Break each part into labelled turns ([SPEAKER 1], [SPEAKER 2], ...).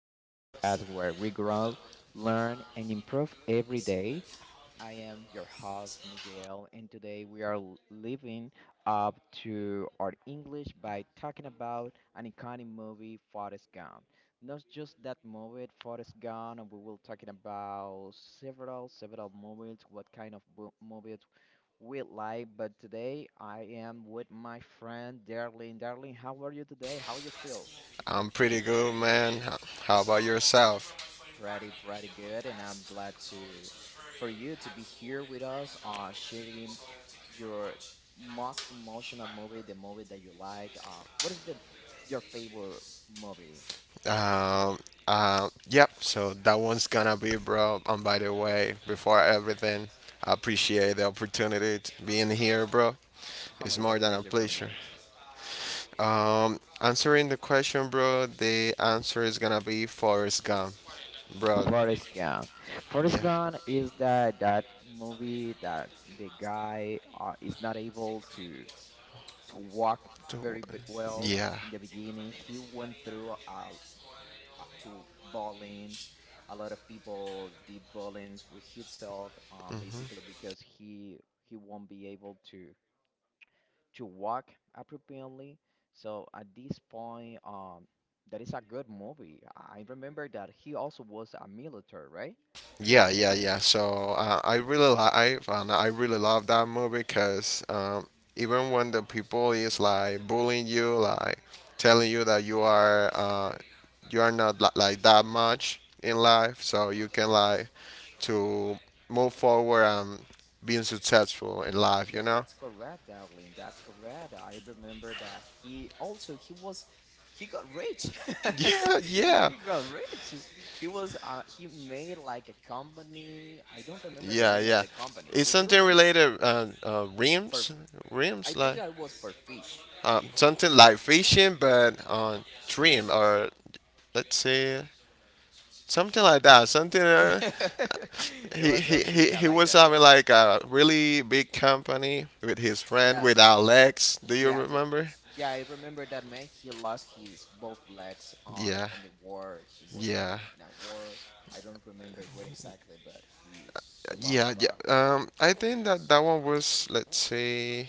[SPEAKER 1] the podcast where we grow, learn, and improve every day. I am your host, Miguel, and today we are living up to our English by talking about an iconic movie, Forrest Gump. Not just that movie, Forrest Gump, and we will talking about several movies, what kind of movies with life. But today I am with my friend Darlene. Darlene, how are you today? How you feel?
[SPEAKER 2] I'm pretty good, man. How about yourself?
[SPEAKER 1] Pretty good, and I'm glad to for you to be here with us, sharing your most emotional movie, the movie that you like. What is the your favorite movie?
[SPEAKER 2] Um, yep, so that one's gonna be, bro. And by the way, before everything, I appreciate the opportunity to being here, bro. It's
[SPEAKER 1] It's a
[SPEAKER 2] more than a
[SPEAKER 1] pleasure for
[SPEAKER 2] pleasure.
[SPEAKER 1] me.
[SPEAKER 2] Answering the question, bro, the answer is gonna be Forrest Gump, bro.
[SPEAKER 1] Forrest Gump. Forrest Gump is that movie that the guy is not able to walk
[SPEAKER 2] t-
[SPEAKER 1] very bit well
[SPEAKER 2] Yeah,
[SPEAKER 1] in the beginning. He went through to bowlings. A lot of people did bowlings with himself, basically because he won't be able to walk appropriately. So at this point, that is a good movie. I remember that he also was a military, right?
[SPEAKER 2] yeah, yeah, yeah. So I really like I found I really love that movie because even when the people is like bullying you, like telling you that you are not like that much in life, so you can like to move forward and being successful in life.
[SPEAKER 1] Yeah,
[SPEAKER 2] You know?
[SPEAKER 1] that's correct, Darling. That's correct. I remember that he also he was he got rich.
[SPEAKER 2] Yeah, yeah,
[SPEAKER 1] He got rich. He was he made like a company. I don't remember the
[SPEAKER 2] yeah,
[SPEAKER 1] name of
[SPEAKER 2] yeah.
[SPEAKER 1] the company.
[SPEAKER 2] It's
[SPEAKER 1] Do you
[SPEAKER 2] something
[SPEAKER 1] remember?
[SPEAKER 2] related
[SPEAKER 1] For
[SPEAKER 2] rims,
[SPEAKER 1] I
[SPEAKER 2] rims
[SPEAKER 1] think
[SPEAKER 2] like
[SPEAKER 1] that was for fish.
[SPEAKER 2] something like fishing, but on trim, or let's say something like that something
[SPEAKER 1] It
[SPEAKER 2] he,
[SPEAKER 1] was
[SPEAKER 2] he,
[SPEAKER 1] something
[SPEAKER 2] he,
[SPEAKER 1] yeah
[SPEAKER 2] he
[SPEAKER 1] like
[SPEAKER 2] was
[SPEAKER 1] that,
[SPEAKER 2] having
[SPEAKER 1] yeah.
[SPEAKER 2] like a really big company with his friend,
[SPEAKER 1] Yeah.
[SPEAKER 2] with Alex. Do you
[SPEAKER 1] Yeah, the,
[SPEAKER 2] remember?
[SPEAKER 1] yeah, I remember that man. He lost his both legs on
[SPEAKER 2] Yeah,
[SPEAKER 1] the war. He was in
[SPEAKER 2] yeah,
[SPEAKER 1] a war. I don't remember what exactly, but he lost
[SPEAKER 2] yeah, yeah.
[SPEAKER 1] both.
[SPEAKER 2] I think that that one was, let's say,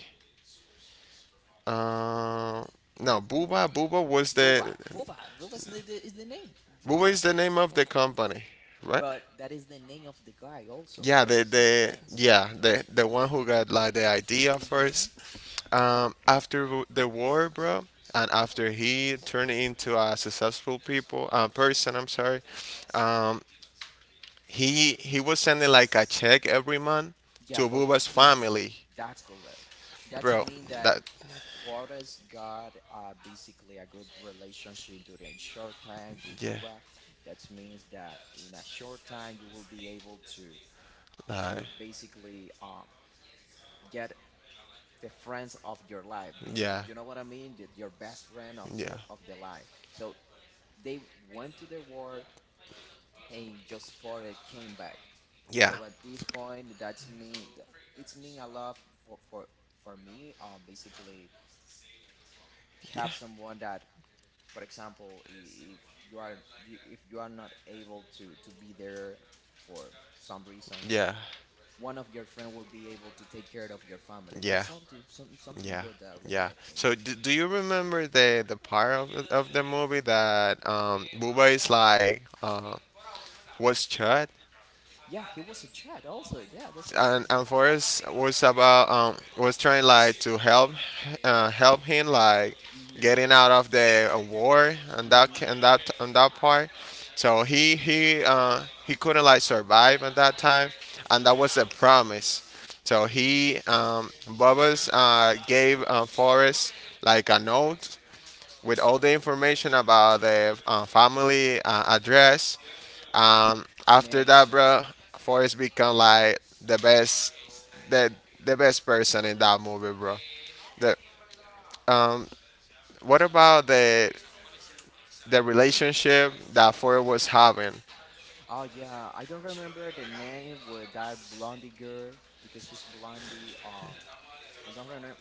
[SPEAKER 2] uh, no.
[SPEAKER 1] Booba, Booba, Booba is is the name.
[SPEAKER 2] Booba
[SPEAKER 1] Booba.
[SPEAKER 2] is the name of the company, right?
[SPEAKER 1] But that is the name of the guy also
[SPEAKER 2] Yeah,
[SPEAKER 1] that he's
[SPEAKER 2] the
[SPEAKER 1] friends.
[SPEAKER 2] yeah, the one who got like the idea
[SPEAKER 1] hmm
[SPEAKER 2] first. After the war, bro, and after he turned into a successful people, person, I'm sorry. Um, he was sending like a check every month
[SPEAKER 1] Yeah,
[SPEAKER 2] to
[SPEAKER 1] for
[SPEAKER 2] Buba's
[SPEAKER 1] his.
[SPEAKER 2] family,
[SPEAKER 1] That's correct. That
[SPEAKER 2] bro.
[SPEAKER 1] means that
[SPEAKER 2] That
[SPEAKER 1] Forrest got basically a good relationship during short time with
[SPEAKER 2] Yeah,
[SPEAKER 1] Bubba. That means that in a short time you will be able to
[SPEAKER 2] uh,
[SPEAKER 1] basically get the friends of your life. Basically,
[SPEAKER 2] yeah,
[SPEAKER 1] you know what I mean? Your best friend
[SPEAKER 2] yeah,
[SPEAKER 1] of the life. So they went to the war and just Forrest came back.
[SPEAKER 2] yeah,
[SPEAKER 1] So at this point, that's mean it's mean a lot for for for me. Basically have someone that, for example, if you are if you are not able to be there for some reasons,
[SPEAKER 2] yeah,
[SPEAKER 1] one of your friend will be able to take care of your family.
[SPEAKER 2] yeah,
[SPEAKER 1] That's something something
[SPEAKER 2] yeah.
[SPEAKER 1] good, darling,
[SPEAKER 2] Yeah.
[SPEAKER 1] I think.
[SPEAKER 2] So, do you remember the part of the movie that Buba is like, was shot,
[SPEAKER 1] Yeah, he was a child also. Yeah, that's correct.
[SPEAKER 2] and Forrest was about, was trying like to help, help him like
[SPEAKER 1] Mhm.
[SPEAKER 2] getting out of the war, and that ca-
[SPEAKER 1] Mhm.
[SPEAKER 2] and that part. So he couldn't like survive at that time, and that was a promise. So he, Bubba's, gave, Forrest like a note, with all the information about the, family, address.
[SPEAKER 1] And
[SPEAKER 2] After that,
[SPEAKER 1] everything.
[SPEAKER 2] bro, Forrest become like the best, the the best person in that movie, bro. The um, what about the relationship that Forrest was having?
[SPEAKER 1] Oh yeah, I don't remember the name with that blondie girl because she's blondie. I don't remember.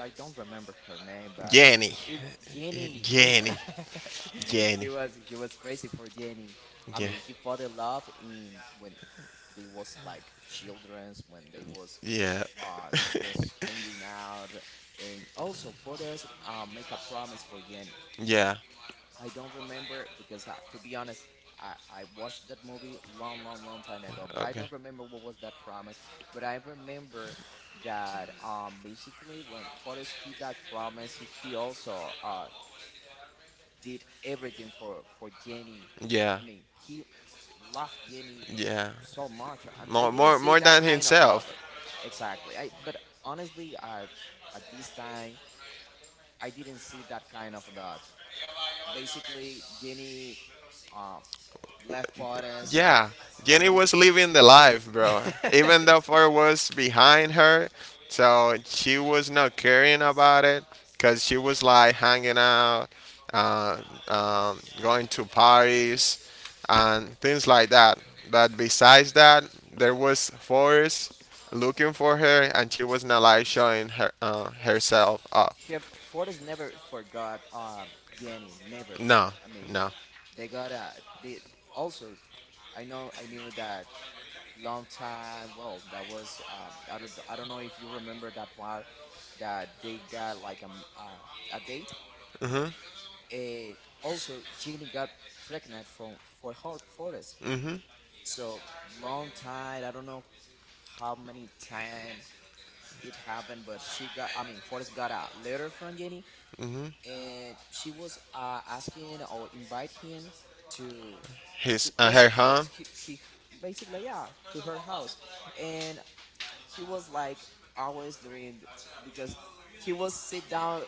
[SPEAKER 1] I don't remember her name, but
[SPEAKER 2] Jenny,
[SPEAKER 1] it Jenny. Yeah,
[SPEAKER 2] Jenny, Jenny,
[SPEAKER 1] he was crazy for Jenny. I
[SPEAKER 2] yeah,
[SPEAKER 1] mean, he fell in love in when they was like childrens, when they was
[SPEAKER 2] yeah,
[SPEAKER 1] uh just hanging out, and also for this, make a promise for Jenny.
[SPEAKER 2] yeah,
[SPEAKER 1] I don't remember because, to be honest, I watched that movie long time ago, but I
[SPEAKER 2] okay,
[SPEAKER 1] don't remember what was that promise. But I remember that basically when Forrest he that promise, he also did everything for Jenny. I
[SPEAKER 2] yeah,
[SPEAKER 1] mean, he loved Jenny
[SPEAKER 2] yeah.
[SPEAKER 1] so much. I
[SPEAKER 2] More,
[SPEAKER 1] didn't
[SPEAKER 2] more,
[SPEAKER 1] see
[SPEAKER 2] more
[SPEAKER 1] that
[SPEAKER 2] than
[SPEAKER 1] kind of love
[SPEAKER 2] himself.
[SPEAKER 1] exactly. I but honestly, I, at this time, I didn't see that kind of love. Basically, Jenny. Um, Left Forrest
[SPEAKER 2] Yeah, Jenny
[SPEAKER 1] and
[SPEAKER 2] was living the life, bro. Even though Ford was behind her, so she was not caring about it because she was like hanging out, uh, going to parties, and things like that. But besides that, there was Forrest looking for her, and she was not like showing herself up.
[SPEAKER 1] he, Forrest never forgot Jenny never.
[SPEAKER 2] No,
[SPEAKER 1] I mean,
[SPEAKER 2] no.
[SPEAKER 1] they got a they also. I knew that long time. Well, that was I don't know if you remember that part that they got like uh, a date.
[SPEAKER 2] Mhm,
[SPEAKER 1] And also, Jenny got pregnant from for her Forrest.
[SPEAKER 2] mhm.
[SPEAKER 1] So long time. I don't know how many time it happened, but I mean, Forrest got a letter from Jenny, and she was asking or invite him to,
[SPEAKER 2] His,
[SPEAKER 1] to just,
[SPEAKER 2] her home,
[SPEAKER 1] he basically, yeah, to her house. And he was like always doing, because he was sit down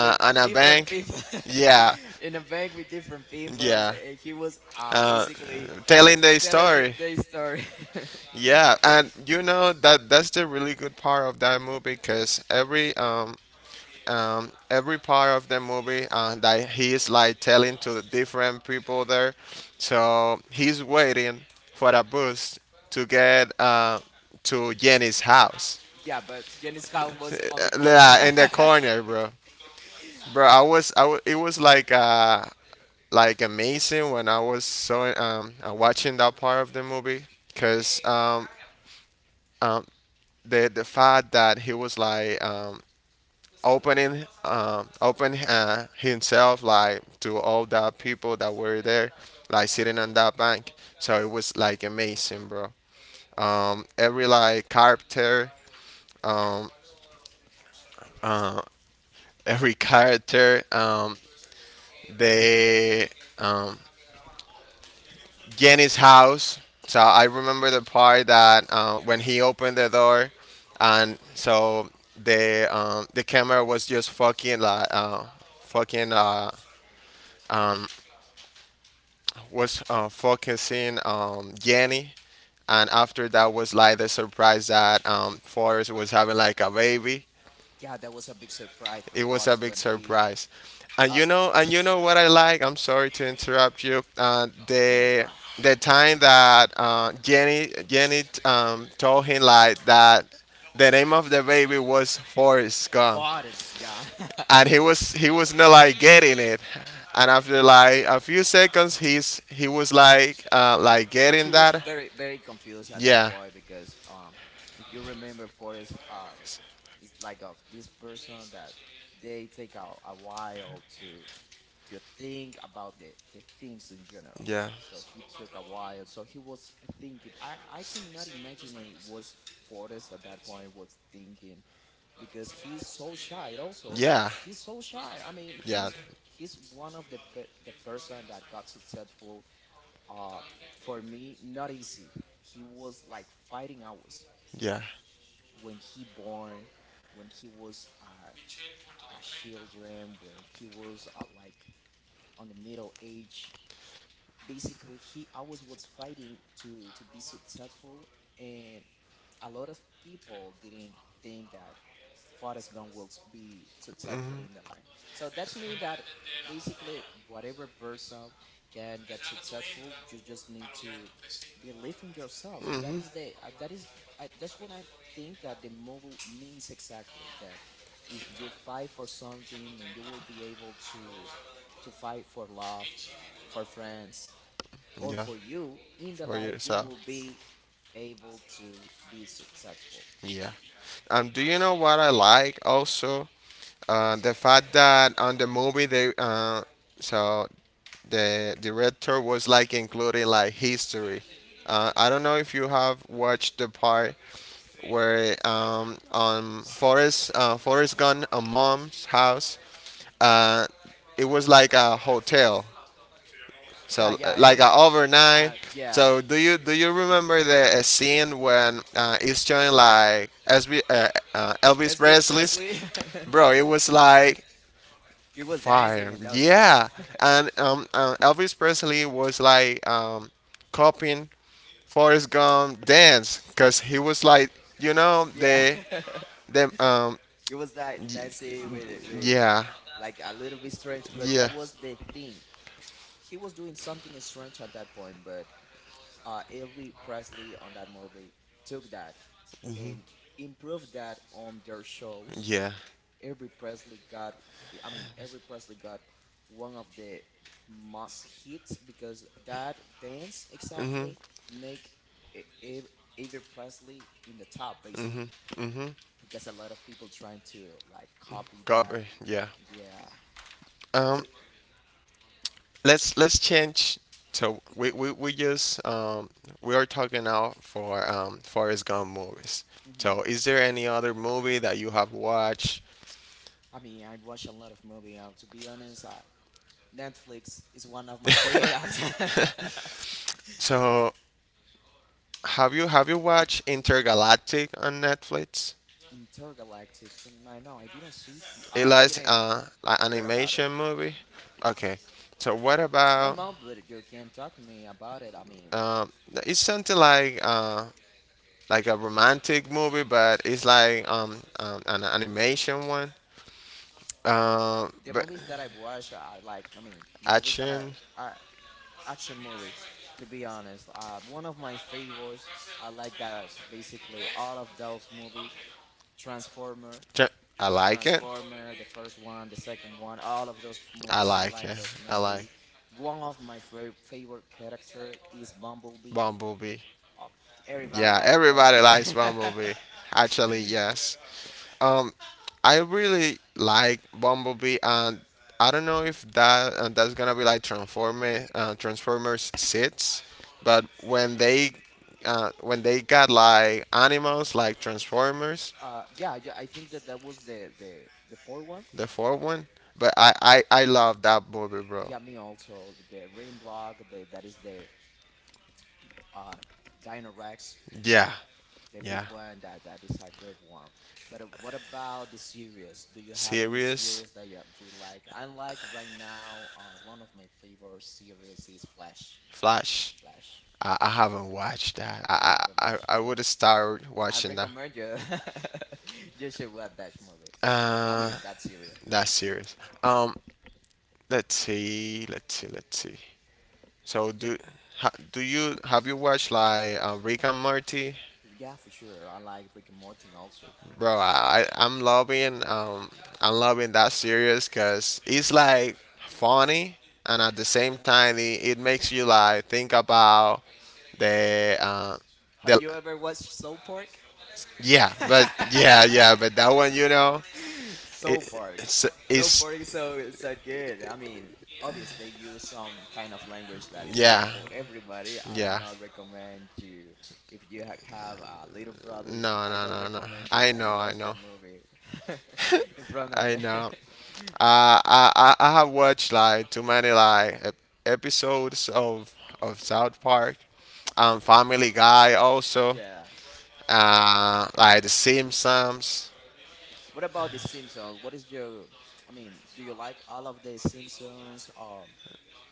[SPEAKER 1] with
[SPEAKER 2] on a
[SPEAKER 1] different
[SPEAKER 2] bank.
[SPEAKER 1] people
[SPEAKER 2] Yeah,
[SPEAKER 1] in a bank with different people,
[SPEAKER 2] yeah.
[SPEAKER 1] and he was
[SPEAKER 2] uh,
[SPEAKER 1] basically
[SPEAKER 2] Telling the
[SPEAKER 1] telling
[SPEAKER 2] story.
[SPEAKER 1] their story.
[SPEAKER 2] Yeah, and you know that that's the really good part of that movie, because every part of the movie, that he is like telling to the different people there, so he's waiting for a bus to get, to Jenny's house.
[SPEAKER 1] Yeah, but Jenny's house was on the corner.
[SPEAKER 2] Yeah, in the corner, bro. Bro, it was like, like amazing when I was, so watching that part of the movie, because um, the fact that he was like, open, himself, like to all the people that were there, like sitting on that bank. So it was like amazing, bro. Every like character, um, uh, every character, they, um, Jenny's house. So I remember the part that, when he opened the door, and so the camera was just fucking, like, fucking, um, was, focusing, Jenny, and after that was like the surprise that, Forrest was having like a baby.
[SPEAKER 1] Yeah, that was a big surprise for
[SPEAKER 2] It was a
[SPEAKER 1] Forrest
[SPEAKER 2] big
[SPEAKER 1] when
[SPEAKER 2] surprise. And
[SPEAKER 1] uh
[SPEAKER 2] you know, and
[SPEAKER 1] sh-
[SPEAKER 2] you know what I like. I'm sorry to interrupt you.
[SPEAKER 1] no, no, it's
[SPEAKER 2] The
[SPEAKER 1] fine.
[SPEAKER 2] time that, Jenny, told him like that the name of the baby was Forrest Gump,
[SPEAKER 1] Forrest, guy.
[SPEAKER 2] and he was not like getting it. And after like a few seconds, he was like, like
[SPEAKER 1] He
[SPEAKER 2] getting
[SPEAKER 1] was
[SPEAKER 2] that.
[SPEAKER 1] very confused at that
[SPEAKER 2] Yeah,
[SPEAKER 1] point because if you remember Forrest, is like of this person that they take a while to think about the things in general.
[SPEAKER 2] yeah,
[SPEAKER 1] So he took a while. So he was thinking. I cannot imagine what Forrest at that point was thinking because he's so shy also
[SPEAKER 2] yeah,
[SPEAKER 1] he's so shy. I mean
[SPEAKER 2] yeah,
[SPEAKER 1] he's one of the person that got successful uh for me not easy. He was like fighting always
[SPEAKER 2] yeah,
[SPEAKER 1] when he born, when he was a children, when he was like on the middle age, basically he always was fighting to be successful, and a lot of people didn't think that Forrest Gump will be successful in the life. So that's mean that basically whatever person can get successful, you just need to believe in yourself. That is the that is that's what I think that the movie means exactly. That if you fight for something and you will be able to fight for love, for friends, or
[SPEAKER 2] yeah.
[SPEAKER 1] for you in the
[SPEAKER 2] For
[SPEAKER 1] life, you
[SPEAKER 2] yourself.
[SPEAKER 1] will be able to be successful.
[SPEAKER 2] Yeah. Do you know what I like also? The fact that on the movie they so the director was like including like history. I don't know if you have watched the part where, on Forrest, Forrest Gump on mom's house. Uh, it was like a hotel,
[SPEAKER 1] Yeah,
[SPEAKER 2] so,
[SPEAKER 1] yeah, I
[SPEAKER 2] like a
[SPEAKER 1] remember.
[SPEAKER 2] overnight.
[SPEAKER 1] Yeah.
[SPEAKER 2] So do you remember the, scene when, it's showing like SB, Elvis
[SPEAKER 1] Esper
[SPEAKER 2] Presley's,
[SPEAKER 1] Presley,
[SPEAKER 2] bro? It was like
[SPEAKER 1] he was dancing
[SPEAKER 2] fire.
[SPEAKER 1] and that stuff.
[SPEAKER 2] Yeah. And, Elvis Presley was like, copying Forrest Gump dance because he was like, you know,
[SPEAKER 1] Yeah,
[SPEAKER 2] the the um,
[SPEAKER 1] he was like
[SPEAKER 2] y-
[SPEAKER 1] dancing with
[SPEAKER 2] yeah,
[SPEAKER 1] like a little bit strange, but that
[SPEAKER 2] yeah,
[SPEAKER 1] was the thing. He was doing something strange at that point, but Elvis Presley on that movie took that and improved that on their shows.
[SPEAKER 2] yeah.
[SPEAKER 1] Every Presley got, I mean, every Presley got one of the must hits because that dance
[SPEAKER 2] Mm-hmm.
[SPEAKER 1] exactly make e- ev- every Presley in the top
[SPEAKER 2] Mm-hmm.
[SPEAKER 1] basically
[SPEAKER 2] Mm-hmm.
[SPEAKER 1] because a lot of people trying to like copy that.
[SPEAKER 2] Copy. Yeah.
[SPEAKER 1] Yeah.
[SPEAKER 2] Um,
[SPEAKER 1] So,
[SPEAKER 2] let's change. So, we are talking now for, Forrest Gump movies.
[SPEAKER 1] hmm
[SPEAKER 2] So is there any other movie that you have watched?
[SPEAKER 1] I mean, I watch a lot of movie. To be honest, Netflix is one of my favorite apps.
[SPEAKER 2] So have you watched Intergalactic on Netflix?
[SPEAKER 1] Intergalactic. So, I know I didn't see.
[SPEAKER 2] It
[SPEAKER 1] I
[SPEAKER 2] was
[SPEAKER 1] didn't
[SPEAKER 2] an
[SPEAKER 1] hear about it.
[SPEAKER 2] animation movie. Okay. So what
[SPEAKER 1] No,
[SPEAKER 2] about,
[SPEAKER 1] mom, but you can talk to me about it. I mean,
[SPEAKER 2] um, it's something like, like a romantic movie, but it's like, an animation one.
[SPEAKER 1] the
[SPEAKER 2] But
[SPEAKER 1] movies that I watch, I like. I mean, the movies that
[SPEAKER 2] action.
[SPEAKER 1] are action movie. To be honest, one of my favorites. I like that basically all of those movie, Transformer,
[SPEAKER 2] I like it.
[SPEAKER 1] Transformer, the first one, the second one, all of those
[SPEAKER 2] I
[SPEAKER 1] movies. I
[SPEAKER 2] like
[SPEAKER 1] like
[SPEAKER 2] it.
[SPEAKER 1] those
[SPEAKER 2] I like
[SPEAKER 1] movie. One of my favorite character is Bumblebee.
[SPEAKER 2] Bumblebee.
[SPEAKER 1] Uh, everybody
[SPEAKER 2] Yeah,
[SPEAKER 1] liked
[SPEAKER 2] everybody
[SPEAKER 1] Bumblebee.
[SPEAKER 2] likes Bumblebee. Actually, yes. Um, I really like Bumblebee, and I don't know if that's gonna be like Transformer, Transformers six, but when they got like animals like Transformers,
[SPEAKER 1] Yeah, yeah, I think that that was the fourth one.
[SPEAKER 2] the fourth one. But I love that movie, bro.
[SPEAKER 1] Yeah, me also. The ring block, the, that is the uh, Dino Rex,
[SPEAKER 2] Yeah,
[SPEAKER 1] the big
[SPEAKER 2] yeah.
[SPEAKER 1] one. That is a good one. But what about the series? Do you have any
[SPEAKER 2] Serious
[SPEAKER 1] series that you like? I like right now. One of my favorite series is Flash.
[SPEAKER 2] Flash.
[SPEAKER 1] Flash.
[SPEAKER 2] I haven't watched that.
[SPEAKER 1] You
[SPEAKER 2] I I
[SPEAKER 1] haven't
[SPEAKER 2] I,
[SPEAKER 1] watched
[SPEAKER 2] I
[SPEAKER 1] that one?
[SPEAKER 2] would start
[SPEAKER 1] I
[SPEAKER 2] watching that.
[SPEAKER 1] recommend you. You should watch that movie. I
[SPEAKER 2] Uh,
[SPEAKER 1] mean that series.
[SPEAKER 2] that series. Um, Let's see, let's see, let's see. So
[SPEAKER 1] Ju-
[SPEAKER 2] do ha, do you have you watched like, Rick and Morty,
[SPEAKER 1] Yeah, for sure. I like Rick and Morty also.
[SPEAKER 2] bro? I'm loving that series because it's like funny, and at the same time it makes you like think about the uh,
[SPEAKER 1] Have
[SPEAKER 2] the
[SPEAKER 1] you ever watched South Park?
[SPEAKER 2] yeah, but yeah, yeah, but that one,
[SPEAKER 1] So
[SPEAKER 2] it
[SPEAKER 1] Park.
[SPEAKER 2] it's,
[SPEAKER 1] So
[SPEAKER 2] it's
[SPEAKER 1] Park is so so good. I mean, obviously they use some kind of language that is not
[SPEAKER 2] yeah,
[SPEAKER 1] for everybody. I'm
[SPEAKER 2] yeah.
[SPEAKER 1] not recommend you if you ha have little brothers,
[SPEAKER 2] No,
[SPEAKER 1] I
[SPEAKER 2] no,
[SPEAKER 1] don't
[SPEAKER 2] no, no.
[SPEAKER 1] recommend you
[SPEAKER 2] I
[SPEAKER 1] that you
[SPEAKER 2] know, I
[SPEAKER 1] watch
[SPEAKER 2] know,
[SPEAKER 1] that movie in front of
[SPEAKER 2] I
[SPEAKER 1] them.
[SPEAKER 2] know. I have watched like too many like, episodes of South Park, Family Guy also,
[SPEAKER 1] Yeah.
[SPEAKER 2] like the Simpsons
[SPEAKER 1] What about the Simpsons? What is your. I mean, do you like all of the Simpsons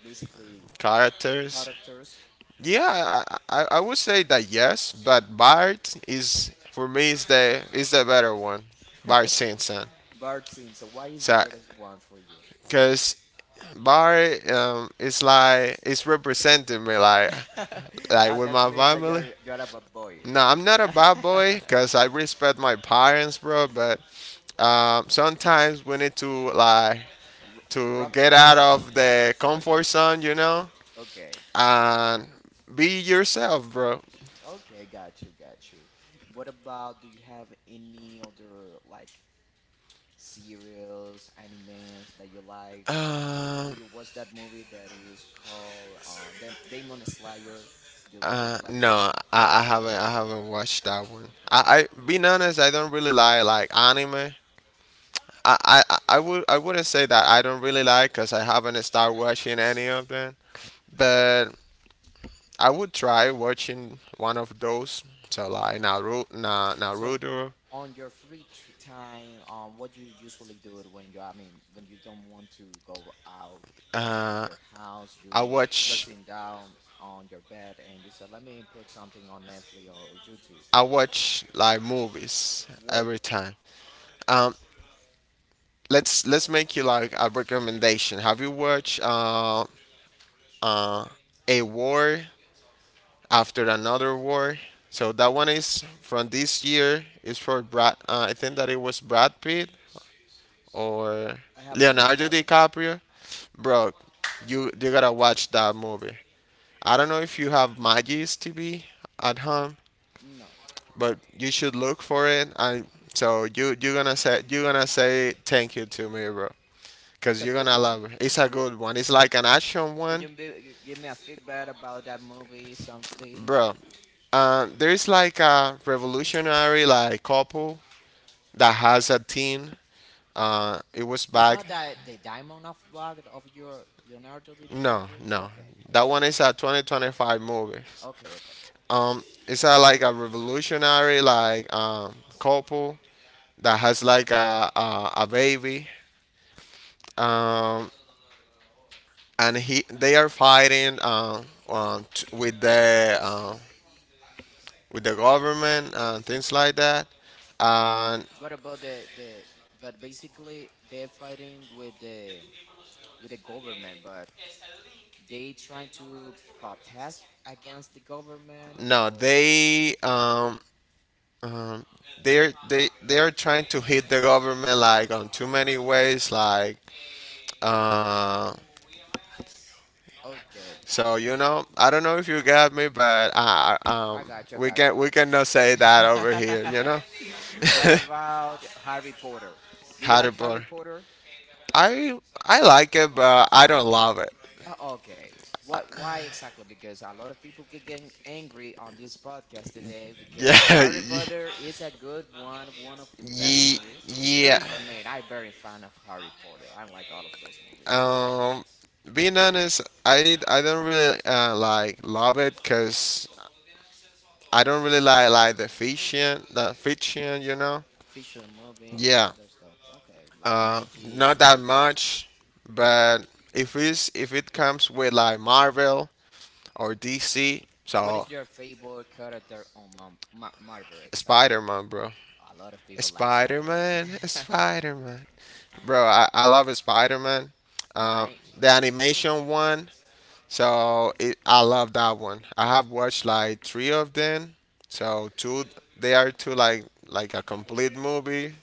[SPEAKER 1] basically
[SPEAKER 2] characters.
[SPEAKER 1] characters?
[SPEAKER 2] Yeah, I would say that yes, but Bart is for me, is the better one, Bart Simpson.
[SPEAKER 1] Bart Simpson, why is the
[SPEAKER 2] So,
[SPEAKER 1] best one for you?
[SPEAKER 2] cause Bart, is representing me, like,
[SPEAKER 1] Ah,
[SPEAKER 2] with
[SPEAKER 1] that
[SPEAKER 2] my
[SPEAKER 1] means that
[SPEAKER 2] family.
[SPEAKER 1] you are a bad boy.
[SPEAKER 2] No, I'm not a
[SPEAKER 1] R-
[SPEAKER 2] bad boy because I respect my parents, bro. But, sometimes we need to, like, to
[SPEAKER 1] Broke the
[SPEAKER 2] get out
[SPEAKER 1] rules.
[SPEAKER 2] of the comfort zone,
[SPEAKER 1] Okay.
[SPEAKER 2] and be yourself, bro.
[SPEAKER 1] Okay, got you, got you. What about do you have any other like serials, animes that you like? Do
[SPEAKER 2] Um,
[SPEAKER 1] you watch that movie that is called Demon Slayer? Do you like
[SPEAKER 2] no,
[SPEAKER 1] Demon? No,
[SPEAKER 2] I
[SPEAKER 1] you didn't
[SPEAKER 2] haven't.
[SPEAKER 1] watch
[SPEAKER 2] I
[SPEAKER 1] that one.
[SPEAKER 2] haven't watched that one.
[SPEAKER 1] Okay.
[SPEAKER 2] I Being honest, I don't really like anime. I wouldn't say that I don't really like, because I haven't started watching any of them. But I would try watching one of those. So, like Naruto,
[SPEAKER 1] So
[SPEAKER 2] Naruto.
[SPEAKER 1] on your free time, what you usually do it when you, I mean, when you don't want to go out of
[SPEAKER 2] Uh,
[SPEAKER 1] your house,
[SPEAKER 2] I
[SPEAKER 1] you're
[SPEAKER 2] watch
[SPEAKER 1] sitting down on your bed and you said, "Let me put something on Netflix or YouTube."
[SPEAKER 2] I watch like movies
[SPEAKER 1] What?
[SPEAKER 2] every time. Um, let's make you like a recommendation. Have you watched, uh, a war after another war? So that one is from this year. It's for Brad. I think that it was Brad Pitt or
[SPEAKER 1] I haven't watched
[SPEAKER 2] Leonardo
[SPEAKER 1] that one.
[SPEAKER 2] DiCaprio. Bro, you gotta watch that movie. I don't know if you have Magis TV at home,
[SPEAKER 1] No,
[SPEAKER 2] but you should look for it. And so you're gonna say thank you to me, bro,
[SPEAKER 1] it's
[SPEAKER 2] because
[SPEAKER 1] a
[SPEAKER 2] you're
[SPEAKER 1] good
[SPEAKER 2] gonna
[SPEAKER 1] one.
[SPEAKER 2] love it. It's a good one. It's like an action
[SPEAKER 1] Can
[SPEAKER 2] one,
[SPEAKER 1] you be, give me a feedback about that movie? Something
[SPEAKER 2] bro.
[SPEAKER 1] that
[SPEAKER 2] There's like a revolutionary like couple that has a teen. It was
[SPEAKER 1] it's
[SPEAKER 2] back.
[SPEAKER 1] not that the Diamond of Rock of your Leonardo
[SPEAKER 2] No,
[SPEAKER 1] DiCaprio.
[SPEAKER 2] no,
[SPEAKER 1] Okay,
[SPEAKER 2] that
[SPEAKER 1] okay,
[SPEAKER 2] one is a 2025 movie.
[SPEAKER 1] okay, okay.
[SPEAKER 2] Um, it's a like a revolutionary like couple that has like a baby, um, and he they are fighting, with the government and things like that. And
[SPEAKER 1] What about the but basically they're fighting with the government, but they trying to protest against the government
[SPEAKER 2] no,
[SPEAKER 1] or
[SPEAKER 2] they um, they're they are trying to hit the government, like, on too many ways, like. Uh,
[SPEAKER 1] okay.
[SPEAKER 2] so I don't know if you got me, but,
[SPEAKER 1] I got you, I
[SPEAKER 2] we
[SPEAKER 1] got you,
[SPEAKER 2] can
[SPEAKER 1] I
[SPEAKER 2] we
[SPEAKER 1] got you.
[SPEAKER 2] cannot say that over here.
[SPEAKER 1] What about Harry Potter? Do you
[SPEAKER 2] Harry
[SPEAKER 1] like Harry
[SPEAKER 2] Potter.
[SPEAKER 1] Potter?
[SPEAKER 2] I like it, but I don't love it.
[SPEAKER 1] Okay. What? Why exactly? Because a lot of people getting angry on this podcast today because
[SPEAKER 2] Yeah,
[SPEAKER 1] Harry Potter is a good one, one of the best
[SPEAKER 2] yeah,
[SPEAKER 1] movie, including
[SPEAKER 2] yeah.
[SPEAKER 1] for me. And I'm very fan of Harry Potter. I like all of those movies,
[SPEAKER 2] Um, Being honest, I don't really, like love it, because I don't really like the fiction, the fiction.
[SPEAKER 1] fiction movies
[SPEAKER 2] Yeah,
[SPEAKER 1] and those stuff. Okay, like magic
[SPEAKER 2] not
[SPEAKER 1] and
[SPEAKER 2] that
[SPEAKER 1] something like.
[SPEAKER 2] much, but if it comes with like Marvel or DC,
[SPEAKER 1] What
[SPEAKER 2] so
[SPEAKER 1] is your favorite character on Marvel exactly?
[SPEAKER 2] Spider Man, bro.
[SPEAKER 1] A lot of people like
[SPEAKER 2] Spider
[SPEAKER 1] Spider-Man.
[SPEAKER 2] Man, Spider Man, bro. I love Spider Man. Um,
[SPEAKER 1] My
[SPEAKER 2] the
[SPEAKER 1] to be.
[SPEAKER 2] animation one. So I love that one. I have watched like three of them. So, two, they are two like a complete movie,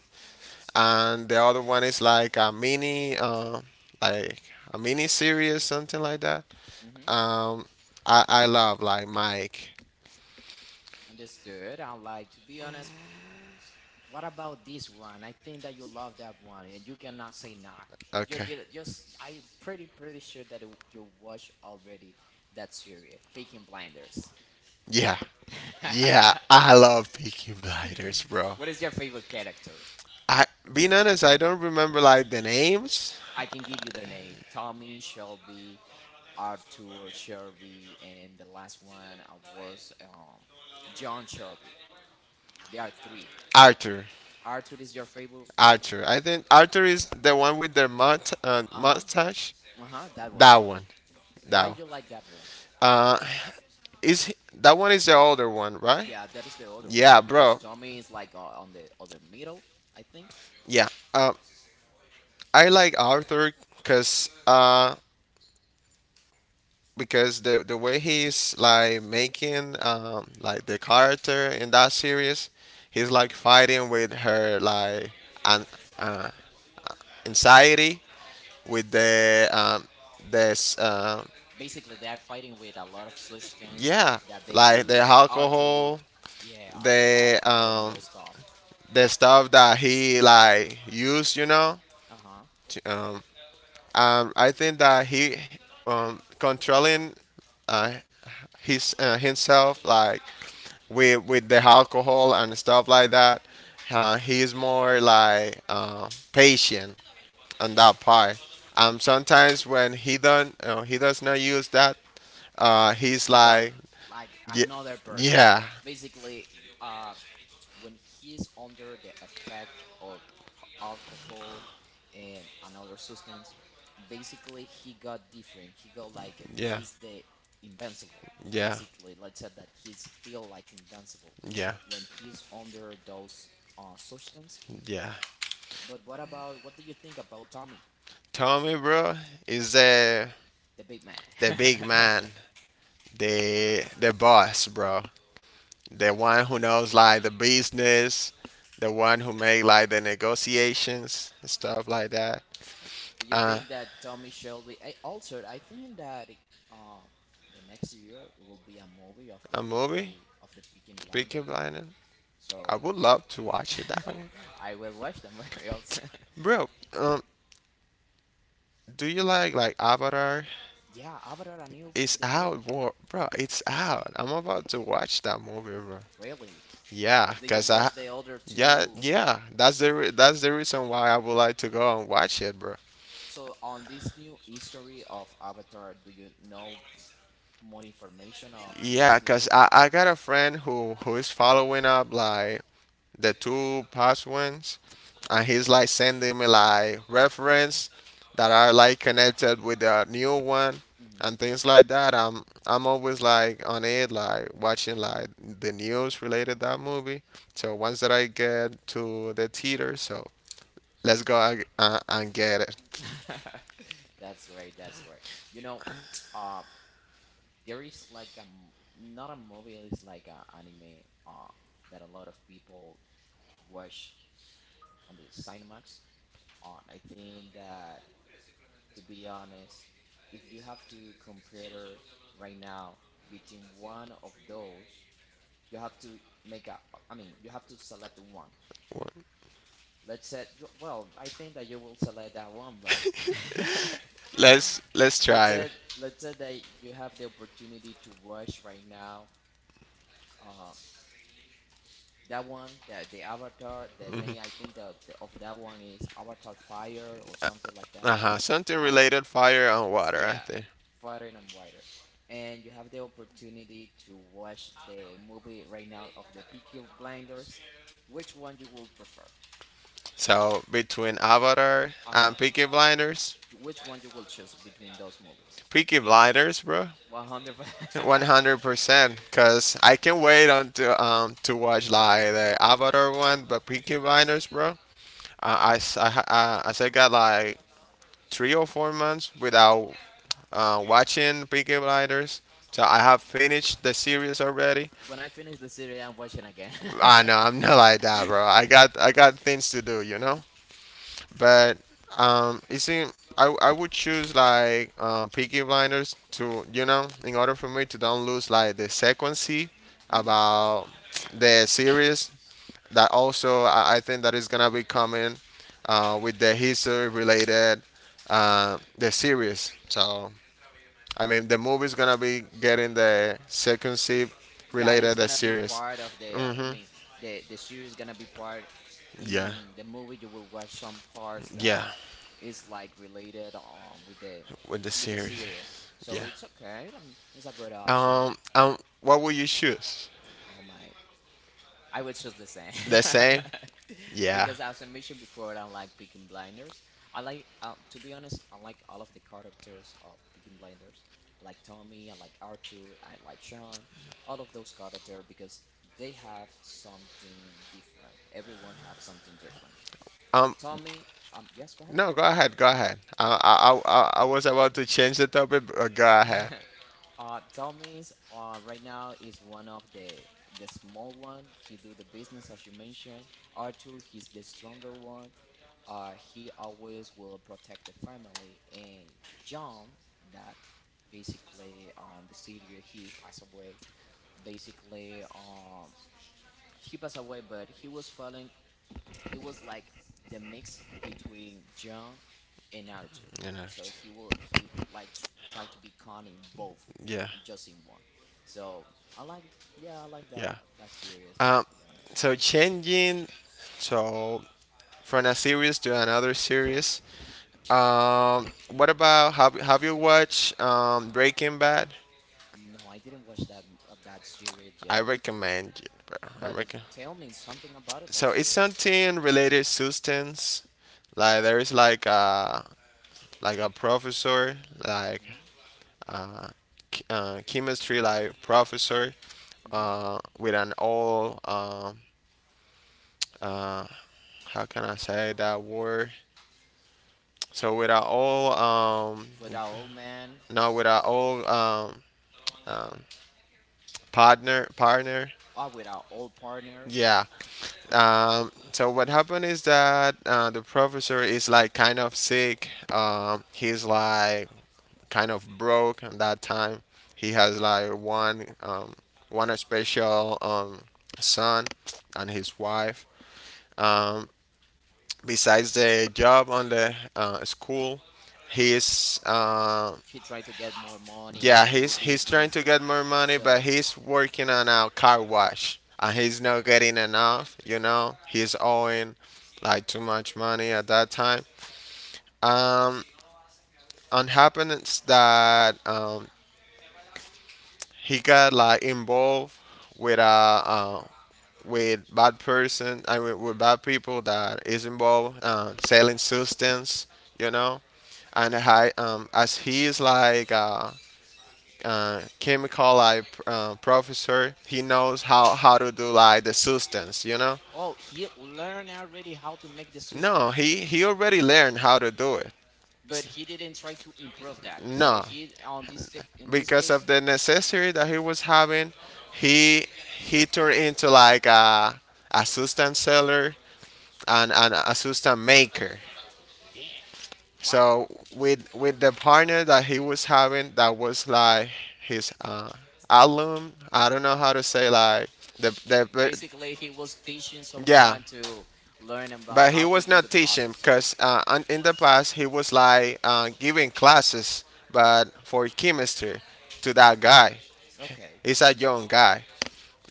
[SPEAKER 2] and the other one is like a mini series, something like that.
[SPEAKER 1] Hmm.
[SPEAKER 2] Um, I love like Mike.
[SPEAKER 1] Understood. I like to be honest. What about this one? I think that you love that one, and you cannot say not. You
[SPEAKER 2] Okay.
[SPEAKER 1] did it. Just I pretty sure that you watch already that series, Peaky Blinders.
[SPEAKER 2] Yeah, yeah, I love Peaky Blinders, bro.
[SPEAKER 1] What is your favorite character?
[SPEAKER 2] I Being honest, I don't remember like the names.
[SPEAKER 1] I can give you their name: Tommy, Shelby, Arthur, Shelby, and the last one was John Shelby. There are three.
[SPEAKER 2] Arthur,
[SPEAKER 1] Arthur is your favorite.
[SPEAKER 2] Arthur. I think Arthur is the one with the
[SPEAKER 1] Uh huh.
[SPEAKER 2] mustache.
[SPEAKER 1] Uh huh. That one.
[SPEAKER 2] That one,
[SPEAKER 1] Why
[SPEAKER 2] that one.
[SPEAKER 1] you like that?
[SPEAKER 2] Uh, that one is the older one, right?
[SPEAKER 1] Yeah, that is the other
[SPEAKER 2] Yeah,
[SPEAKER 1] one because
[SPEAKER 2] bro.
[SPEAKER 1] Tommy is like on the other middle, I think.
[SPEAKER 2] Yeah. Uh, I like Arthur because uh because the way he's like making like the character in that series. He's like fighting with her like an uh, anxiety with the this
[SPEAKER 1] Basically, they're fighting with a lot of substance
[SPEAKER 2] yeah,
[SPEAKER 1] that they
[SPEAKER 2] like the
[SPEAKER 1] use, or to,
[SPEAKER 2] alcohol,
[SPEAKER 1] yeah, the
[SPEAKER 2] the
[SPEAKER 1] alcohol and
[SPEAKER 2] um,
[SPEAKER 1] those stuff.
[SPEAKER 2] the stuff that he like used.
[SPEAKER 1] Uh huh.
[SPEAKER 2] to- Um, I think that he, controlling uh, his himself like with the alcohol and stuff like that. He is more like patient on that part. Sometimes when he don't he does not use that, he's
[SPEAKER 1] He got
[SPEAKER 2] like
[SPEAKER 1] like
[SPEAKER 2] Yeah,
[SPEAKER 1] another person.
[SPEAKER 2] yeah,
[SPEAKER 1] Basically, uh, when he is under the effect of alcohol and another substance, basically he got different. He got like it.
[SPEAKER 2] yeah,
[SPEAKER 1] He's the invincible.
[SPEAKER 2] yeah,
[SPEAKER 1] Basically, let's say that he's feel like invincible
[SPEAKER 2] yeah,
[SPEAKER 1] when he's under those substance.
[SPEAKER 2] yeah.
[SPEAKER 1] But what about, what do you think about Tommy,
[SPEAKER 2] Tommy, bro, is the
[SPEAKER 1] the big man?
[SPEAKER 2] big man, the boss, bro, the one who knows like the business, the one who make like the negotiations and stuff like that.
[SPEAKER 1] Do you
[SPEAKER 2] Uh,
[SPEAKER 1] think that Tommy Shelby? I also I think that um the next year it will be a movie of the
[SPEAKER 2] a movie,
[SPEAKER 1] Peaky
[SPEAKER 2] Peaky
[SPEAKER 1] Blinders.
[SPEAKER 2] Blinders. I
[SPEAKER 1] So
[SPEAKER 2] would love to watch it that one,
[SPEAKER 1] I will watch the movie also.
[SPEAKER 2] bro. Um, do you like Avatar?
[SPEAKER 1] Yeah, Avatar and new,
[SPEAKER 2] It's
[SPEAKER 1] the new,
[SPEAKER 2] out, bro. Bro, it's out. I'm about to watch that movie, bro.
[SPEAKER 1] really.
[SPEAKER 2] Yeah,
[SPEAKER 1] Did you
[SPEAKER 2] cause
[SPEAKER 1] watch
[SPEAKER 2] I
[SPEAKER 1] the other
[SPEAKER 2] Yeah,
[SPEAKER 1] two?
[SPEAKER 2] yeah. That's the reason why I would like to go and watch it, bro.
[SPEAKER 1] So on this new history of Avatar, do you know more information of this
[SPEAKER 2] Yeah,
[SPEAKER 1] new
[SPEAKER 2] cause
[SPEAKER 1] movie?
[SPEAKER 2] I got a friend who is following up like the two past ones, and he's like sending me like reference that are like connected with the new one
[SPEAKER 1] Hmm.
[SPEAKER 2] and things like that. I'm always like on it, like watching like the news related that movie. So once that I get to the theater, so let's go and get it.
[SPEAKER 1] That's great. That's great. You know, uh, there is like not a movie. It's like an anime that a lot of people watch on the Cinemax. On, I think that, to be honest, if you have to compare right now between one of those, you have to make a, I mean, you have to select one. Let's say, you- well, I think that you will select that one, but
[SPEAKER 2] Let's
[SPEAKER 1] let's
[SPEAKER 2] try it.
[SPEAKER 1] say, let's say that you have the opportunity to watch right now. Uh, that one, the Avatar, the name I think the of that one is Avatar Fire or something like that.
[SPEAKER 2] Uh-huh, something
[SPEAKER 1] Ava-
[SPEAKER 2] related fire and
[SPEAKER 1] It's,
[SPEAKER 2] water, I
[SPEAKER 1] yeah,
[SPEAKER 2] think.
[SPEAKER 1] farther and wider. And you have the opportunity to watch the movie right now of the Peaky Blinders. Which one you will prefer?
[SPEAKER 2] So between Avatar and
[SPEAKER 1] Uh-huh.
[SPEAKER 2] Peaky Blinders,
[SPEAKER 1] Which one you will choose between those movies?
[SPEAKER 2] Peaky Blinders, bro,
[SPEAKER 1] 100.
[SPEAKER 2] 100%. Cause I can wait until to watch like the Avatar one, but Peaky Blinders, bro, I s- I ha- as I said, got like 3 or 4 months without watching Peaky Blinders. So I have finished the series already.
[SPEAKER 1] When I finish the series, I'm watching again.
[SPEAKER 2] Ah no, I'm not like that, bro. I got things to do. But you see, I would choose like Peaky Blinders to you know in order for me to don't lose like the sequency
[SPEAKER 1] Hmm.
[SPEAKER 2] about the series that also I think that is gonna be coming with the history related the series. So I mean, the movie's gonna be getting the sequency
[SPEAKER 1] Yeah, it's
[SPEAKER 2] related the
[SPEAKER 1] gonna be
[SPEAKER 2] series.
[SPEAKER 1] part of the. I
[SPEAKER 2] Mhm.
[SPEAKER 1] mean, the series gonna be part
[SPEAKER 2] Yeah.
[SPEAKER 1] in the movie. You will watch some parts that
[SPEAKER 2] Yeah.
[SPEAKER 1] is like related with the,
[SPEAKER 2] With the
[SPEAKER 1] with the
[SPEAKER 2] series.
[SPEAKER 1] series. So
[SPEAKER 2] Yeah.
[SPEAKER 1] it's okay. It's a good option.
[SPEAKER 2] What will you choose?
[SPEAKER 1] Oh my, I would choose the same.
[SPEAKER 2] The same? Yeah.
[SPEAKER 1] Because as I mentioned before, I like Peaky Blinders. I like to be honest, I like all of the characters of Peaky Blinders. I like Tommy. I like Arthur. I like Sean. All of those characters because they have something different. Everyone have something different.
[SPEAKER 2] Um,
[SPEAKER 1] Tommy, yes, go ahead.
[SPEAKER 2] no, go ahead, go ahead. I was about to change the topic, but go ahead.
[SPEAKER 1] Tommy's right now is one of the small one. He do the business as you mentioned. Arthur, he's the stronger one. He always will protect the family. And John, that basically on the city he passed away. Basically, he passed away, but he was following, he was like the mix between John and Arthur.
[SPEAKER 2] You know,
[SPEAKER 1] So he will he like try to be con in both,
[SPEAKER 2] yeah,
[SPEAKER 1] just in one. So I like, yeah I like that a
[SPEAKER 2] yeah.
[SPEAKER 1] lot, that series to
[SPEAKER 2] Um,
[SPEAKER 1] be honest.
[SPEAKER 2] so changing, so from a series to another series. What about, have you watched Breaking Bad?
[SPEAKER 1] No, I didn't watch that that series
[SPEAKER 2] I
[SPEAKER 1] yet.
[SPEAKER 2] recommend it, bro. I
[SPEAKER 1] But
[SPEAKER 2] reckon.
[SPEAKER 1] tell me something about it, that
[SPEAKER 2] So it's
[SPEAKER 1] series.
[SPEAKER 2] something related substance. Like there is like a professor, like
[SPEAKER 1] Mhm.
[SPEAKER 2] uh, chemistry, like professor,
[SPEAKER 1] Mhm.
[SPEAKER 2] with an all uh, how can I say that word? So with an all
[SPEAKER 1] With our old man,
[SPEAKER 2] no, with an all um, partner, partner,
[SPEAKER 1] or with our old partner,
[SPEAKER 2] yeah. So what happened is that the professor is like kind of sick. He's like kind of broke at that time. He has like one one special son and his wife. Um, besides the job on the school, he's
[SPEAKER 1] he tried to get more money,
[SPEAKER 2] yeah,
[SPEAKER 1] do
[SPEAKER 2] he's trying
[SPEAKER 1] business.
[SPEAKER 2] to get more money, but
[SPEAKER 1] So
[SPEAKER 2] he's working on a car wash and he's not getting enough. You know, he's owing like too much money at that time. Um, and happens that he got like involved with uh, uh with bad person, I mean, with bad people that is involved selling substance, you know. And I, as he is like chemical like professor, he knows how to do like the substance, you know.
[SPEAKER 1] oh, he learned already how to make the
[SPEAKER 2] No,
[SPEAKER 1] substance,
[SPEAKER 2] he already learned how to do it.
[SPEAKER 1] but he didn't try to improve that. So
[SPEAKER 2] No,
[SPEAKER 1] he on in this
[SPEAKER 2] because
[SPEAKER 1] case,
[SPEAKER 2] of the necessity that he was having, he he turned into like a substance seller and a substance maker.
[SPEAKER 1] damn, wow.
[SPEAKER 2] So with the partner that he was having, that was like his alum. I don't know how to say like
[SPEAKER 1] B-
[SPEAKER 2] the but,
[SPEAKER 1] basically, he was teaching
[SPEAKER 2] yeah,
[SPEAKER 1] someone to learn about
[SPEAKER 2] but he
[SPEAKER 1] how to
[SPEAKER 2] was
[SPEAKER 1] do the
[SPEAKER 2] not teaching
[SPEAKER 1] process.
[SPEAKER 2] because in the past he was like giving classes, but for chemistry to that guy.
[SPEAKER 1] Okay,
[SPEAKER 2] He's a young guy,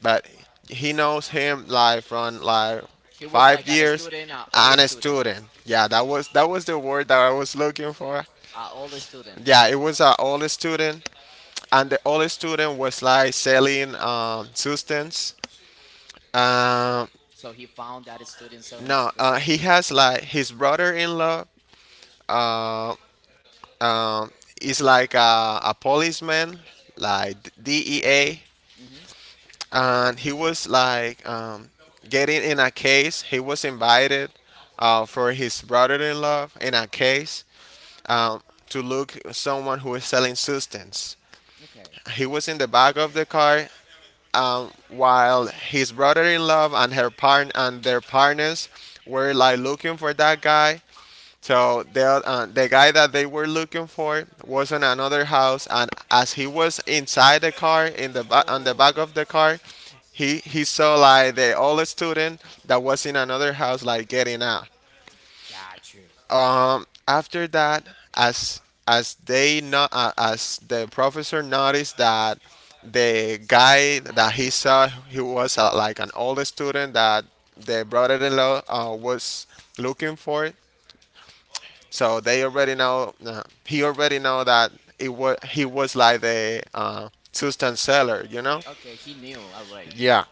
[SPEAKER 2] but he knows him like from like
[SPEAKER 1] he was
[SPEAKER 2] five
[SPEAKER 1] like a
[SPEAKER 2] years
[SPEAKER 1] student, an old
[SPEAKER 2] and a
[SPEAKER 1] student,
[SPEAKER 2] student, yeah, that was the word that I was looking for.
[SPEAKER 1] an older student.
[SPEAKER 2] Yeah, it was an old student and the old student was like selling substance um
[SPEAKER 1] So he found that student selling
[SPEAKER 2] no,
[SPEAKER 1] the
[SPEAKER 2] he
[SPEAKER 1] substance.
[SPEAKER 2] has like his brother-in-law uh um is like a policeman like dea,
[SPEAKER 1] Mhm.
[SPEAKER 2] and he was like getting in a case. He was invited for his brother-in-law in a case um, to look someone who is selling substance.
[SPEAKER 1] Okay.
[SPEAKER 2] He was in the back of the car while his brother-in-law and her partner and their partners were like looking for that guy. So the guy that they were looking for was in another house, and as he was inside the car, on the
[SPEAKER 1] Oh,
[SPEAKER 2] back of the car, he saw like the old student that was in another house like getting out.
[SPEAKER 1] got you.
[SPEAKER 2] After that, as as they not as the professor noticed that the guy that he saw, he was like an old student that the brother-in-law was looking for, so they already know. He already know that it was he was like the substance seller, you know.
[SPEAKER 1] Okay, he knew already.
[SPEAKER 2] Yeah.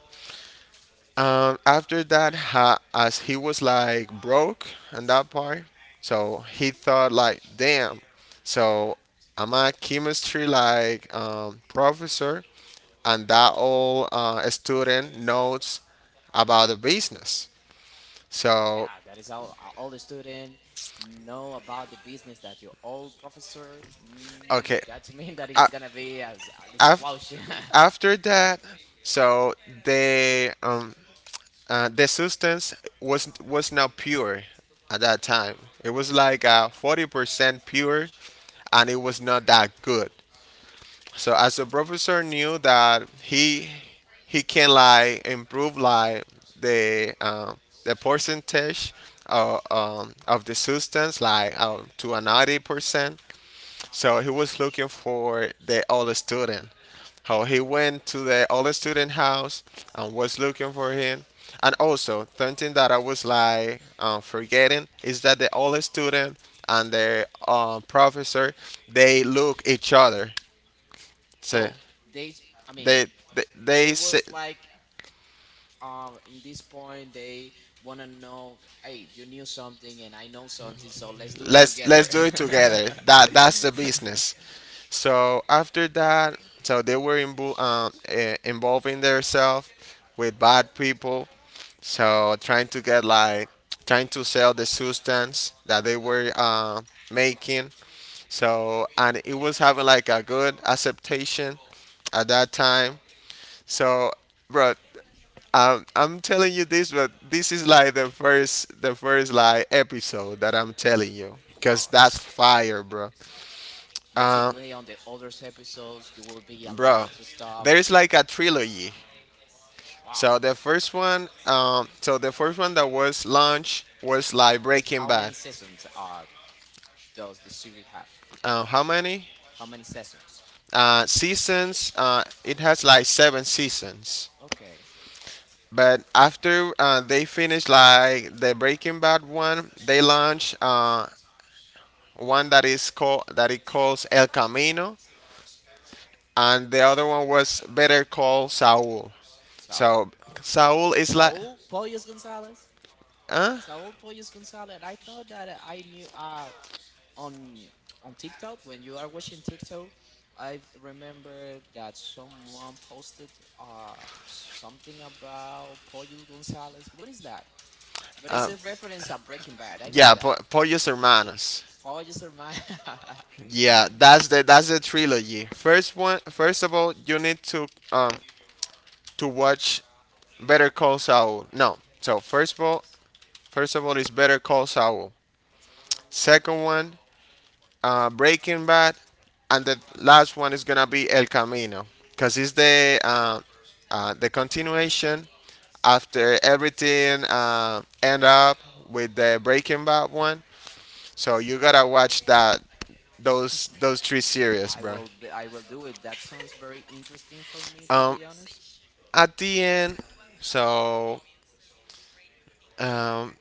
[SPEAKER 2] After that, ha, as he was like broke and that part, so he thought like, damn. So I'm a chemistry like professor, and that all student knows about the business. So
[SPEAKER 1] Yeah, that is how all the student know about the business that your old professor. Mm,
[SPEAKER 2] okay,
[SPEAKER 1] that mean that
[SPEAKER 2] a-
[SPEAKER 1] it's gonna be as an
[SPEAKER 2] af-
[SPEAKER 1] explosion.
[SPEAKER 2] after that, so the um, the substance was not pure at that time. It was like 40% pure, and it was not that good. So as the professor knew that he can like improve like the um, the percentage of the substance like to a 90%. So he was looking for the all student.
[SPEAKER 1] Damn.
[SPEAKER 2] How he went to the old student house and was looking for him. And also, something that I was like forgetting is that the old student and the professor, they look each other. So
[SPEAKER 1] So they, I mean,
[SPEAKER 2] they
[SPEAKER 1] they
[SPEAKER 2] they say,
[SPEAKER 1] was like, in this point they wanna know, hey, you knew something and I know something, so let's do it
[SPEAKER 2] let's
[SPEAKER 1] together.
[SPEAKER 2] do it together. That's the business. So after that, so they were involving themselves with bad people, so trying to get like trying to sell the substance that they were making. So, and it was having like a good acceptation at that time. So bro, I'm telling you this, but this is like the first like episode that I'm telling you because
[SPEAKER 1] Wow.
[SPEAKER 2] that's fire, bro. Uh,
[SPEAKER 1] Basically, on the other episodes, you will be a lot
[SPEAKER 2] bro,
[SPEAKER 1] of the stuff.
[SPEAKER 2] there is like a trilogy.
[SPEAKER 1] Wow.
[SPEAKER 2] So the first one, so the first one that was launched was like
[SPEAKER 1] But
[SPEAKER 2] Breaking
[SPEAKER 1] how
[SPEAKER 2] Bad.
[SPEAKER 1] many seasons does the series have?
[SPEAKER 2] How many?
[SPEAKER 1] How many seasons?
[SPEAKER 2] Seasons. It has like 7 seasons.
[SPEAKER 1] Okay,
[SPEAKER 2] But after they finish like the Breaking Bad one, they launch one that is called, that it calls El Camino, and the other one was Better Call Saul.
[SPEAKER 1] Saul.
[SPEAKER 2] So Saul is like,
[SPEAKER 1] Saul Pollos Gonzalez.
[SPEAKER 2] huh?
[SPEAKER 1] Saul Pollos Gonzalez. I thought that I knew on on TikTok when you are watching TikTok, I remember that someone posted uh something about Pollos Gonzalez. What is that? But it's
[SPEAKER 2] Uh,
[SPEAKER 1] a reference of Breaking Bad. I knew
[SPEAKER 2] yeah,
[SPEAKER 1] that.
[SPEAKER 2] Pollos Hermanos.
[SPEAKER 1] Pollos Hermanos.
[SPEAKER 2] Yeah, that's the trilogy. First one, first of all, you need to watch Better Call Saul. No, so first of all, first of all, it's Better Call Saul. Second one, Breaking Bad, and the last one is gonna be El Camino, cause it's the continuation after everything end up with the Breaking Bad one. So you gotta watch that those three series,
[SPEAKER 1] I
[SPEAKER 2] bro.
[SPEAKER 1] will b- I will do it. That sounds very interesting for me to
[SPEAKER 2] Um,
[SPEAKER 1] be honest.
[SPEAKER 2] at the end, so um,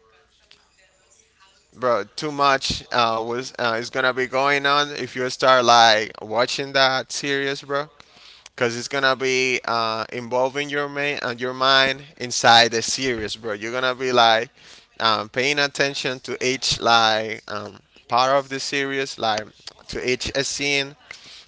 [SPEAKER 2] bro, too much was is gonna be going on if you start like watching that series, bro. Cause it's gonna be involving your main and your mind inside the series, bro. You're gonna be like paying attention to each like part of the series, like to each scene.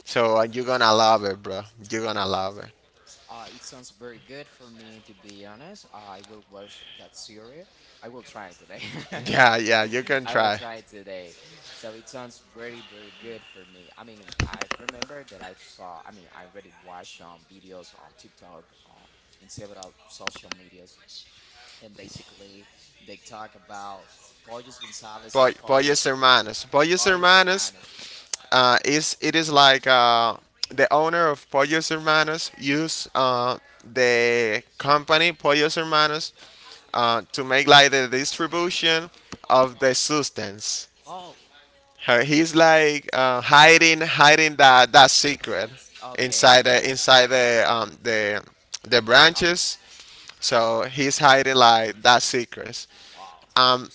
[SPEAKER 2] So you're gonna love it, bro. You're gonna love it.
[SPEAKER 1] It sounds very good for me to be honest. I will watch that series. I will try it today.
[SPEAKER 2] Yeah, yeah, you can
[SPEAKER 1] I will
[SPEAKER 2] try.
[SPEAKER 1] try it today. So it sounds very very good for me. I mean, I remember that I saw. I mean, I already watched videos on TikTok, in several social medias, and basically they talk about Pollos Gonzalez or
[SPEAKER 2] Boy,
[SPEAKER 1] Pollos
[SPEAKER 2] Boyes Hermanos. Boyes
[SPEAKER 1] Pollos
[SPEAKER 2] Hermanos
[SPEAKER 1] Hermanos.
[SPEAKER 2] is, it is like the owner of Pollos Hermanos use the company Pollos Hermanos to make like the distribution of the substance.
[SPEAKER 1] Oh.
[SPEAKER 2] He's like hiding that secret
[SPEAKER 1] Okay.
[SPEAKER 2] inside the the
[SPEAKER 1] Uh,
[SPEAKER 2] branches. So he's hiding like that secret.
[SPEAKER 1] wow.
[SPEAKER 2] Um,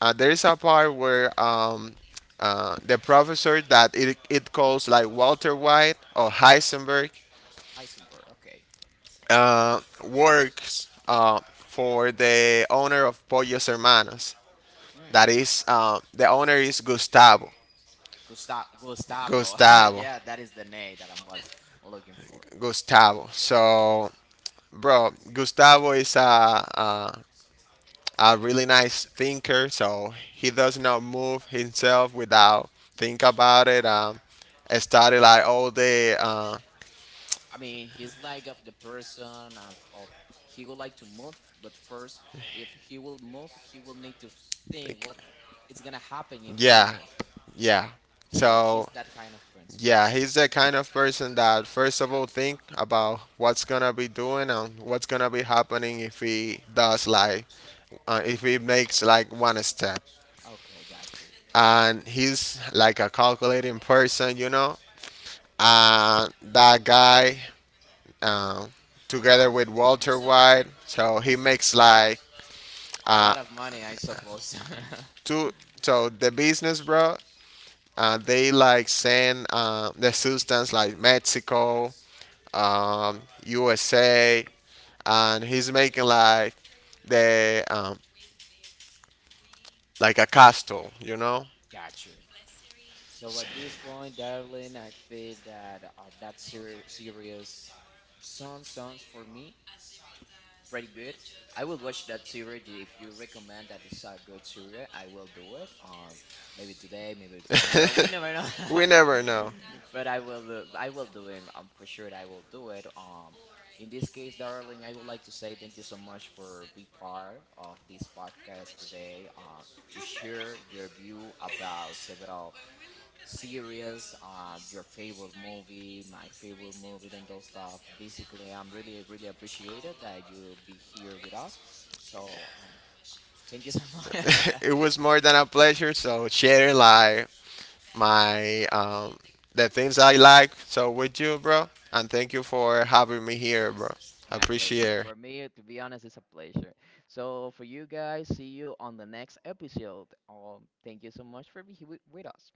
[SPEAKER 2] there is a part where the professor that it calls like Walter White or Heisenberg
[SPEAKER 1] Heisenberg. Okay.
[SPEAKER 2] works for the owner of Pollos Hermanos.
[SPEAKER 1] Hmm.
[SPEAKER 2] That is, the owner is Gustavo.
[SPEAKER 1] Gustav Gustavo.
[SPEAKER 2] Gustavo.
[SPEAKER 1] Yeah, that is the name that I was looking for.
[SPEAKER 2] Gustavo. So, bro, Gustavo is a really nice thinker. So he does not move himself without think about it. I study like all day.
[SPEAKER 1] I mean, he's like of the person of, he would like to move, but first, if he will move, he will need to think
[SPEAKER 2] Like,
[SPEAKER 1] what is gonna happen if he
[SPEAKER 2] yeah,
[SPEAKER 1] move.
[SPEAKER 2] yeah.
[SPEAKER 1] So he's
[SPEAKER 2] So
[SPEAKER 1] that kind of person.
[SPEAKER 2] yeah, he's the kind of person that first of all think about what's gonna be doing and what's gonna be happening if he does like if he makes like one step.
[SPEAKER 1] Okay, got you.
[SPEAKER 2] And he's like a calculating person, you know. And that guy, um,
[SPEAKER 1] Oh,
[SPEAKER 2] together
[SPEAKER 1] on the,
[SPEAKER 2] with Walter White, so he makes like
[SPEAKER 1] a
[SPEAKER 2] uh
[SPEAKER 1] lot of money, I suppose.
[SPEAKER 2] two. So the business, bro, they like send the substance like Mexico, USA, and he's making like the like a castle, you know.
[SPEAKER 1] Got you. So at this point, darling, I think that that ser series sounds, sounds for me pretty good. I will watch that series if you recommend that it's a good series. I will do it. Maybe today, maybe tomorrow. We never know.
[SPEAKER 2] We never know.
[SPEAKER 1] But I will do it. I'm for sure I will do it. In this case, darling, I would like to say thank you so much for being part of this podcast today. To share your view about several series, your favorite movie, my favorite movie, and those stuff. Basically, I'm really, really appreciated that you be here with us. So, thank you so much.
[SPEAKER 2] It was more than a pleasure. So sharing like my the things I like. So with you, bro, and thank you for having me here, bro. I
[SPEAKER 1] My pleasure.
[SPEAKER 2] appreciate
[SPEAKER 1] For
[SPEAKER 2] it.
[SPEAKER 1] me, to be honest, it's a pleasure. So, for you guys, see you on the next episode. Thank you so much for being with us.